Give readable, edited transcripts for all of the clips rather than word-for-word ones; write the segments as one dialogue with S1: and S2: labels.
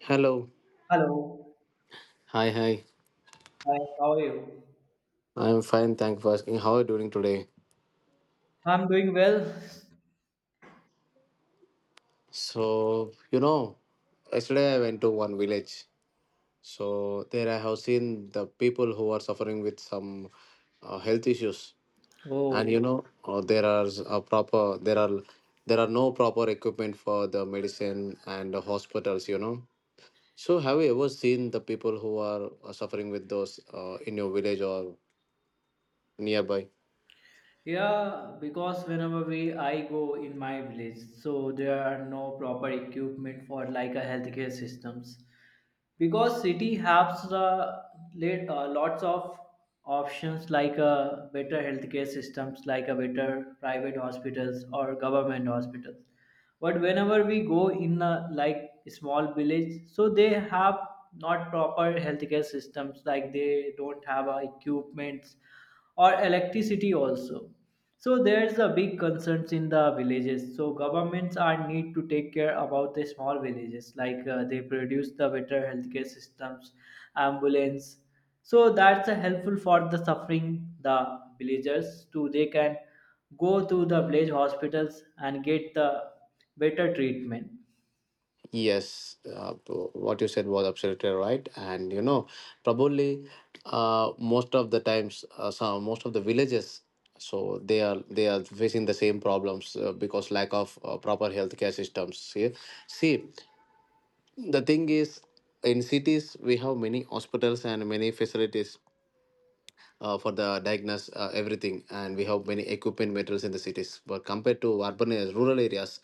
S1: Hello.
S2: Hello.
S1: Hi, hi.
S2: Hi, how are you?
S1: I'm fine. Thank you for asking. How are you doing today?
S2: I'm doing well.
S1: So, you know, yesterday I went to one village. So, there I have seen the people who are suffering with some health issues. And, you
S2: Oh,
S1: know, a proper, there are no proper equipment for the medicine and the hospitals, you know. So, have you ever seen the people who are suffering with those in your village or nearby?
S2: yeah, because whenever we I go in my village, so there are no proper equipment for like a healthcare systems. Because city has the late, lots of options like a better healthcare systems, like a better private hospitals or government hospitals, but whenever we go in a like small village, so they have not proper healthcare systems, like they don't have equipments or electricity also. So there's a big concerns in the villages. So governments are need to take care about the small villages, like they produce the better healthcare systems, ambulance. So that's helpful for the suffering the villagers to they can go to the village hospitals and get the better treatment.
S1: Yes, what you said was absolutely right, and you know, probably most of the times, some most of the villages, so they are facing the same problems because lack of proper healthcare systems. See, see, the thing is, in cities we have many hospitals and many facilities, for the diagnose everything and we have many equipment materials in the cities but compared to urban areas, rural areas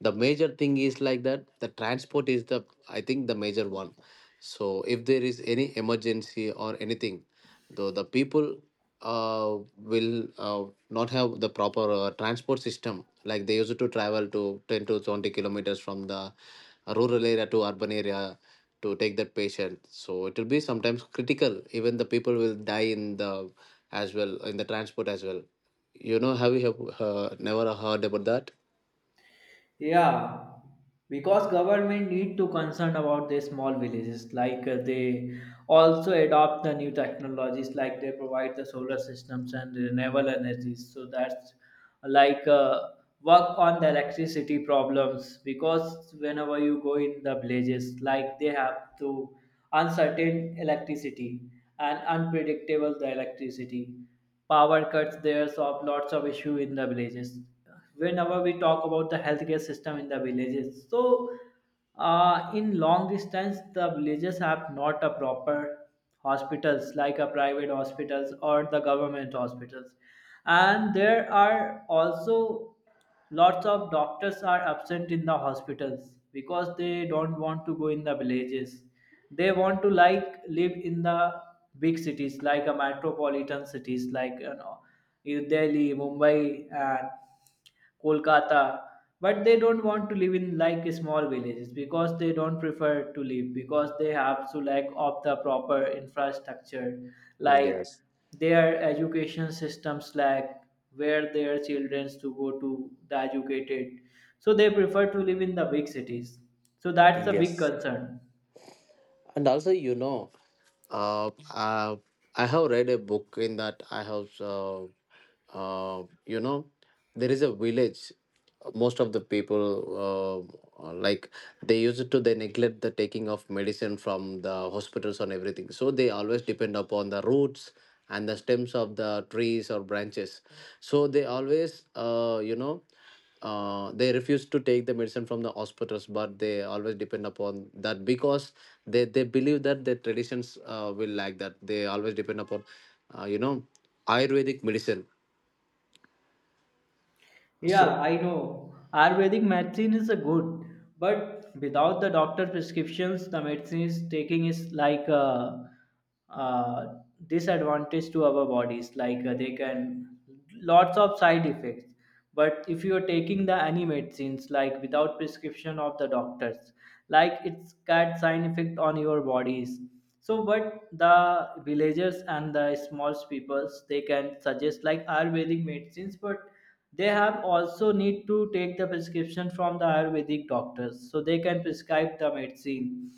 S1: the major thing is like that the transport is the I think the major one. So if there is any emergency or anything, though the people will not have the proper transport system, like they used to travel to 10 to 20 kilometers from the rural area to urban area to take that patient. So it will be sometimes critical, even the people will die in the as well, in the transport as well, you know. Have you have, never heard about that?
S2: Yeah, because government need to concern about the small villages, like they also adopt the new technologies, like they provide the solar systems and renewable energies. So that's like work on the electricity problems, because whenever you go in the villages like they have to uncertain electricity and unpredictable the electricity power cuts. There's of lots of issue in the villages whenever we talk about the healthcare system in the villages. So in long distance the villages have not a proper hospitals like a private hospitals or the government hospitals, and there are also lots of doctors are absent in the hospitals because they don't want to go in the villages. They want to like live in the big cities, like a metropolitan cities like, you know, in Delhi, Mumbai and Kolkata, but they don't want to live in like small villages because they don't prefer to live, because they have to lack of the proper infrastructure, like
S1: Yes.
S2: their education systems lack, where their children to go to the educated. So they prefer to live in the big cities, so that's a big
S1: Yes,
S2: concern.
S1: and also you know, uh, uh, I have read a book. In that I have uh, you know there is a village, most of the people, uh, uh, like they used to, they neglect the taking of medicine from the hospitals and everything, so they always depend upon the roots and the stems of the trees or branches. So they always they refuse to take the medicine from the hospitals, but they always depend upon that because they believe that their traditions will like that they always depend upon uh, you know ayurvedic medicine. So
S2: Yeah, I know. Ayurvedic medicine is a good, but without the doctor prescriptions, the medicine is taking is like a disadvantage to our bodies. Like they can lots of side effects. But if you are taking the any medicines like without prescription of the doctors, like it's got side effect on your bodies. So, but the villagers and the small peoples they can suggest like Ayurvedic medicines, but they have also need to take the prescription from the Ayurvedic doctors, so they can prescribe the medicine,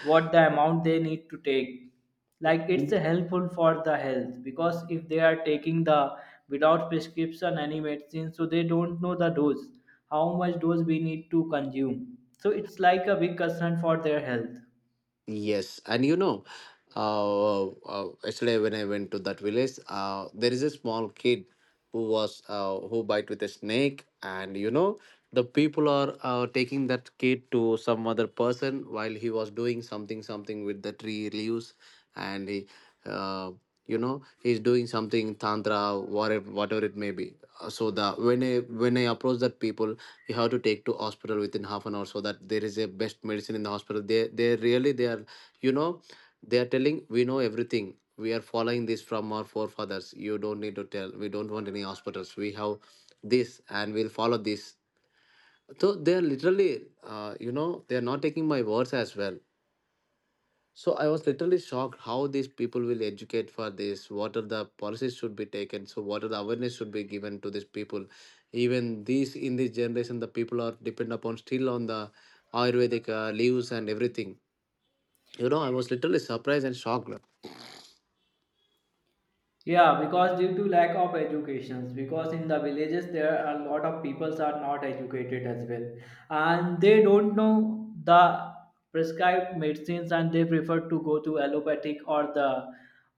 S2: what the amount they need to take. Like it's helpful for the health, because if they are taking the without prescription any medicine, so they don't know the dose, how much dose we need to consume. So it's like a big concern for their health.
S1: yes, and you know, actually, when I went to that village, there is a small kid who was who bite with a snake, and you know, the people are taking that kid to some other person while he was doing something something with the tree leaves, and he uh, he's doing something tantra, whatever whatever it may be. So the when I approach that people, you have to take to hospital within half an hour, so that there is a best medicine in the hospital. They really they are, you know, they are telling, we know everything, we are following this from our forefathers, you don't need to tell, we don't want any hospitals, we have this, and we'll follow this. So they are literally, they are not taking my words as well. So I was literally shocked, how these people will educate for this. What are the policies should be taken? So what are the awareness should be given to these people? Even these in this generation, the people are depend upon still on the Ayurvedic leaves and everything. You know, I was literally surprised and shocked.
S2: Yeah, because due to lack of educations, because in the villages there are a lot of peoples are not educated as well, and they don't know the prescribed medicines, and they prefer to go to allopathic or the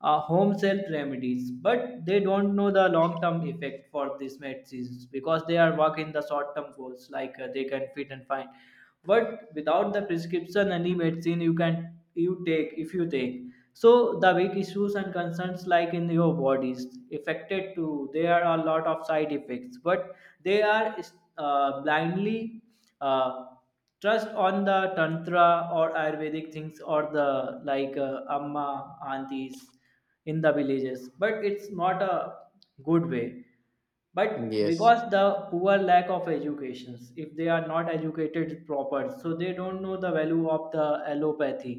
S2: home self remedies. But they don't know the long term effect for these medicines, because they are working the short term goals, like they can fit and fine, but without the prescription any medicine you can you take if you take, so the big issues and concerns like in your bodies affected too, there are a lot of side effects, but they are blindly uh, trust on the tantra or ayurvedic things or the like amma aunties in the villages, but it's not a good way, but
S1: Yes,
S2: because the poor lack of educations, if they are not educated proper, so they don't know the value of the allopathy,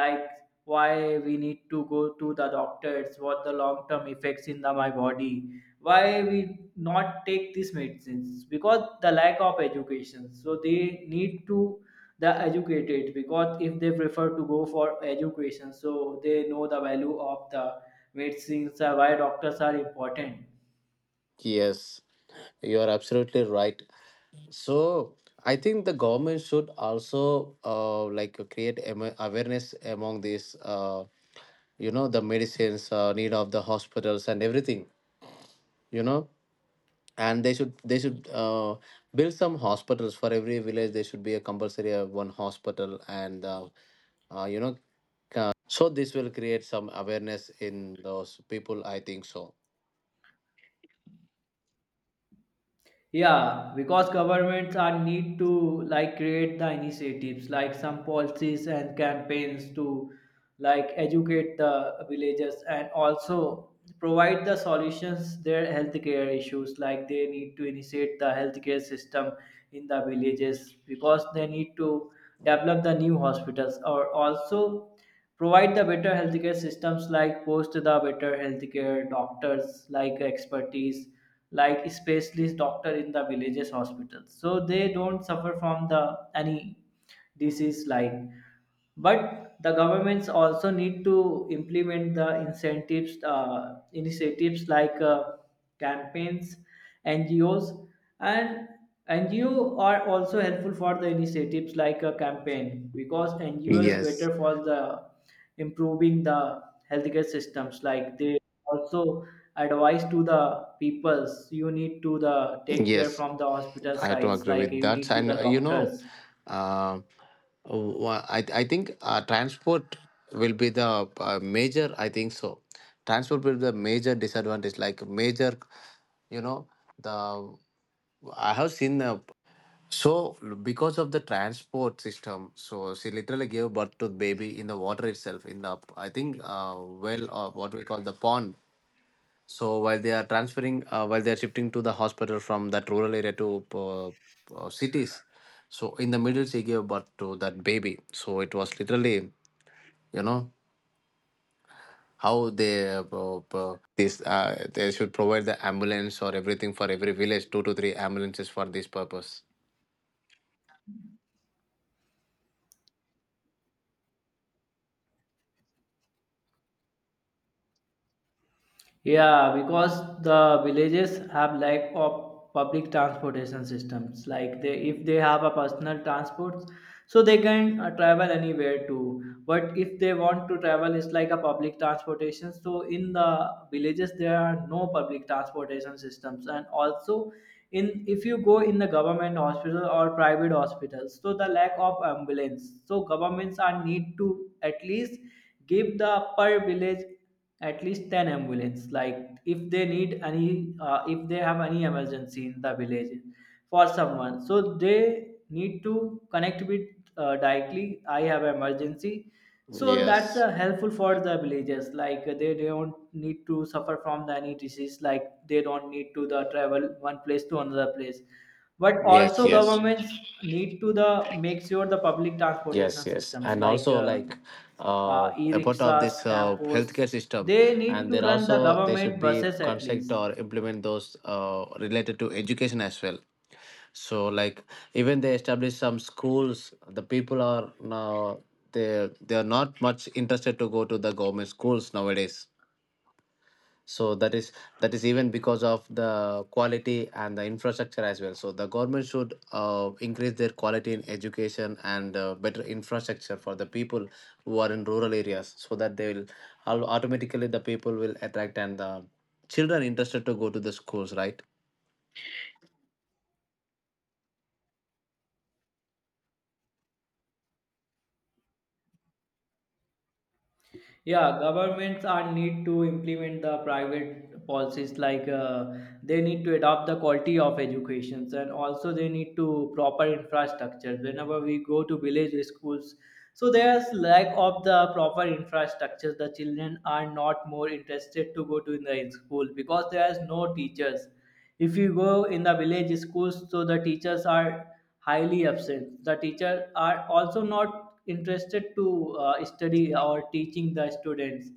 S2: like why we need to go to the doctors, what the long term effects in the my body, why we not take these medicines, because the lack of education, so they need to the educated, because if they prefer to go for education, so they know the value of the medicines. Why doctors are important.
S1: yes, you are absolutely right. So I think the government should also like create awareness among these. The medicines need of the hospitals and everything, you know. And they should build some hospitals. For every village there should be a compulsory one hospital, and uh, you know so this will create some awareness in those people, I think so.
S2: Yeah, because governments are need to like create the initiatives like some policies and campaigns to like educate the villagers and also provide the solutions their healthcare issues, like they need to initiate the healthcare system in the villages, because they need to develop the new hospitals or also provide the better healthcare systems like post the better healthcare doctors, like expertise, like specialist doctor in the villages hospitals, so they don't suffer from the any disease like. But the governments also need to implement the incentives initiatives, like campaigns, NGOs, and NGO are also helpful for the initiatives like a campaign, because NGOs
S1: Yes,
S2: better for the improving the healthcare systems, like they also advise to the peoples, you need to the take
S1: yes,
S2: care from the hospital
S1: I do
S2: sites,
S1: agree
S2: like
S1: with
S2: you
S1: that.
S2: need to
S1: And
S2: the doctors.
S1: uh, I think transport will be the major, I think so. Transport will be the major disadvantage, like major, you know. The I have seen so because of the transport system, so she literally gave birth to the baby in the water itself in the, I think, well, or what we call the pond. So while they are transferring, while they are shifting to the hospital from that rural area to cities, so in the middle she gave birth to that baby. So it was literally, you know, how they this they should provide the ambulance or everything, for every village two to three ambulances for this purpose.
S2: Yeah, because the villages have lack of public transportation systems. Like they, if they have a personal transport, so they can travel anywhere too. But if they want to travel, it's like a public transportation. So in the villages, there are no public transportation systems, and also in if you go in the government hospital or private hospitals, so the lack of ambulance. So governments are need to at least give the per village at least 10 ambulance, like if they need any if they have any emergency in the village for someone, so they need to connect with directly I have emergency. So that's
S1: Yes.
S2: helpful for the villagers, like they don't need to suffer from the any disease, like they don't need to the travel one place to another place. But
S1: Yes,
S2: also
S1: yes,
S2: governments need to the make sure the public
S1: yes,
S2: transportation
S1: yes,
S2: systems,
S1: and
S2: like
S1: also like a part of
S2: e-rickshaws,
S1: this
S2: tempos,
S1: healthcare system,
S2: they need
S1: and
S2: to
S1: there
S2: run the
S1: also they should
S2: government
S1: be
S2: buses at
S1: construct
S2: least.
S1: or implement those related to education as well. So like, even they establish some schools, the people are now, they are not much interested to go to the government schools nowadays. So that is even because of the quality and the infrastructure as well. So the government should increase their quality in education and better infrastructure for the people who are in rural areas, so that they will automatically the people will attract and the children interested to go to the schools, right?
S2: Yeah, governments are need to implement the private policies, like they need to adopt the quality of educations, and also they need to proper infrastructure. Whenever we go to village schools, so there's lack of the proper infrastructure, the children are not more interested to go to in the school because there's no teachers. If you go in the village schools, so the teachers are highly absent, the teachers are also not interested to study or teaching the students,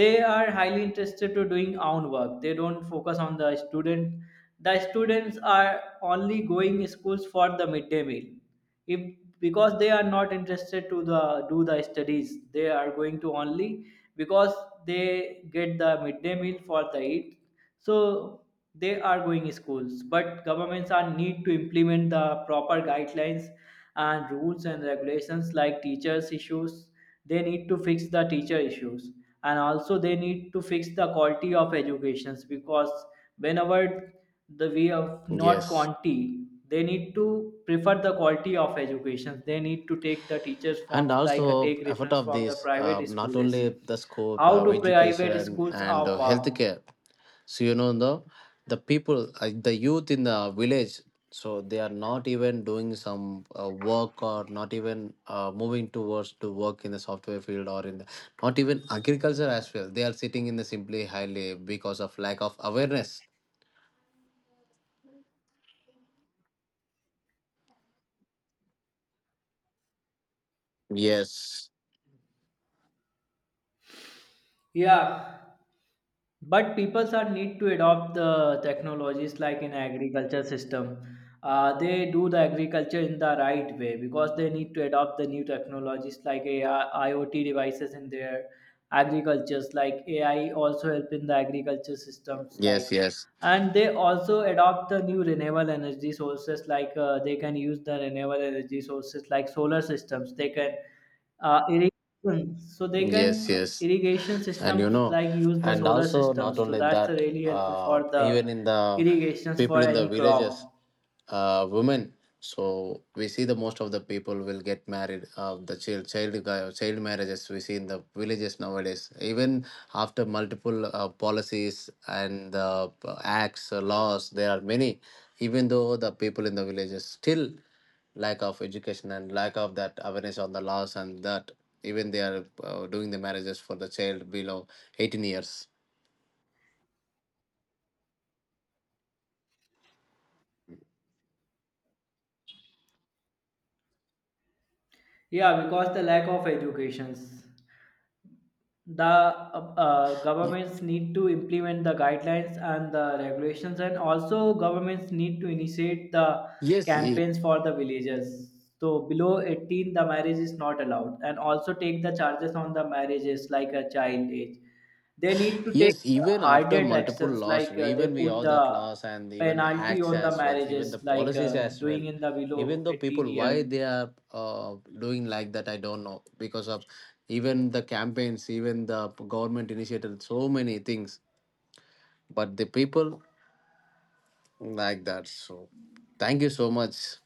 S2: they are highly interested to doing own work, they don't focus on the student, the students are only going schools for the midday meal, if, because they are not interested to the do the studies, they are going to only because they get the midday meal for the eat. So they are going schools, but governments are need to implement the proper guidelines and rules and regulations, like teachers issues, they need to fix the teacher issues, and also they need to fix the quality of educations, because whenever the way of not
S1: Yes,
S2: quantity, they need to prefer the quality of education, they need to take the teachers
S1: and
S2: forms, like
S1: also
S2: take
S1: effort
S2: reference
S1: of
S2: from the
S1: this,
S2: private
S1: not
S2: schools,
S1: only the scope
S2: how
S1: of
S2: do private
S1: education
S2: schools
S1: and
S2: are work.
S1: healthcare. So you know the people, the youth in the village, so they are not even doing some work, or not even moving towards to work in the software field or in the not even agriculture as well. They are sitting in the simply highly because of lack of awareness. Yes.
S2: Yeah, but peoples are need to adopt the technologies, like in agriculture system, they do the agriculture in the right way, because they need to adopt the new technologies like AI, iot devices in their agricultures, like ai also help in the agriculture systems like.
S1: Yes. Yes.
S2: And they also adopt the new renewable energy sources, like they can use the renewable energy sources like solar systems, they can irrigation, so they
S1: Yes,
S2: can
S1: yes.
S2: irrigation
S1: And you
S2: systems
S1: know,
S2: like use the
S1: and
S2: solar
S1: also not
S2: systems, so
S1: only
S2: that's
S1: that,
S2: really helpful for the
S1: even in the
S2: irrigations
S1: people
S2: for
S1: in the
S2: any crop.
S1: villages, women. So we see the most of the people will get married. The child marriages we see in the villages nowadays. Even after multiple policies and acts, laws, there are many. Even though the people in the villages still lack of education and lack of that awareness on the laws and that, even they are doing the marriages for the child below 18 years.
S2: Yeah, because the lack of educations, the
S1: Y-
S2: governments need to implement the guidelines and the regulations, and also governments need to initiate the
S1: yes e-
S2: campaigns for the villagers, so below 18 the marriage is not allowed, and also take the charges on the marriages like a child age, they need to take
S1: yes, even after
S2: harder
S1: multiple
S2: actions,
S1: laws,
S2: like they
S1: even we
S2: put
S1: have
S2: the
S1: that laws, and even
S2: penalty
S1: acts
S2: on the
S1: as well, even the
S2: marriages, like
S1: policies as well.
S2: doing in the
S1: Even
S2: below
S1: though,
S2: 18
S1: people,
S2: year.
S1: why they are doing like that, I don't know. Because of even the campaigns, even the government initiated so many things, but the people like that. So, thank you so much.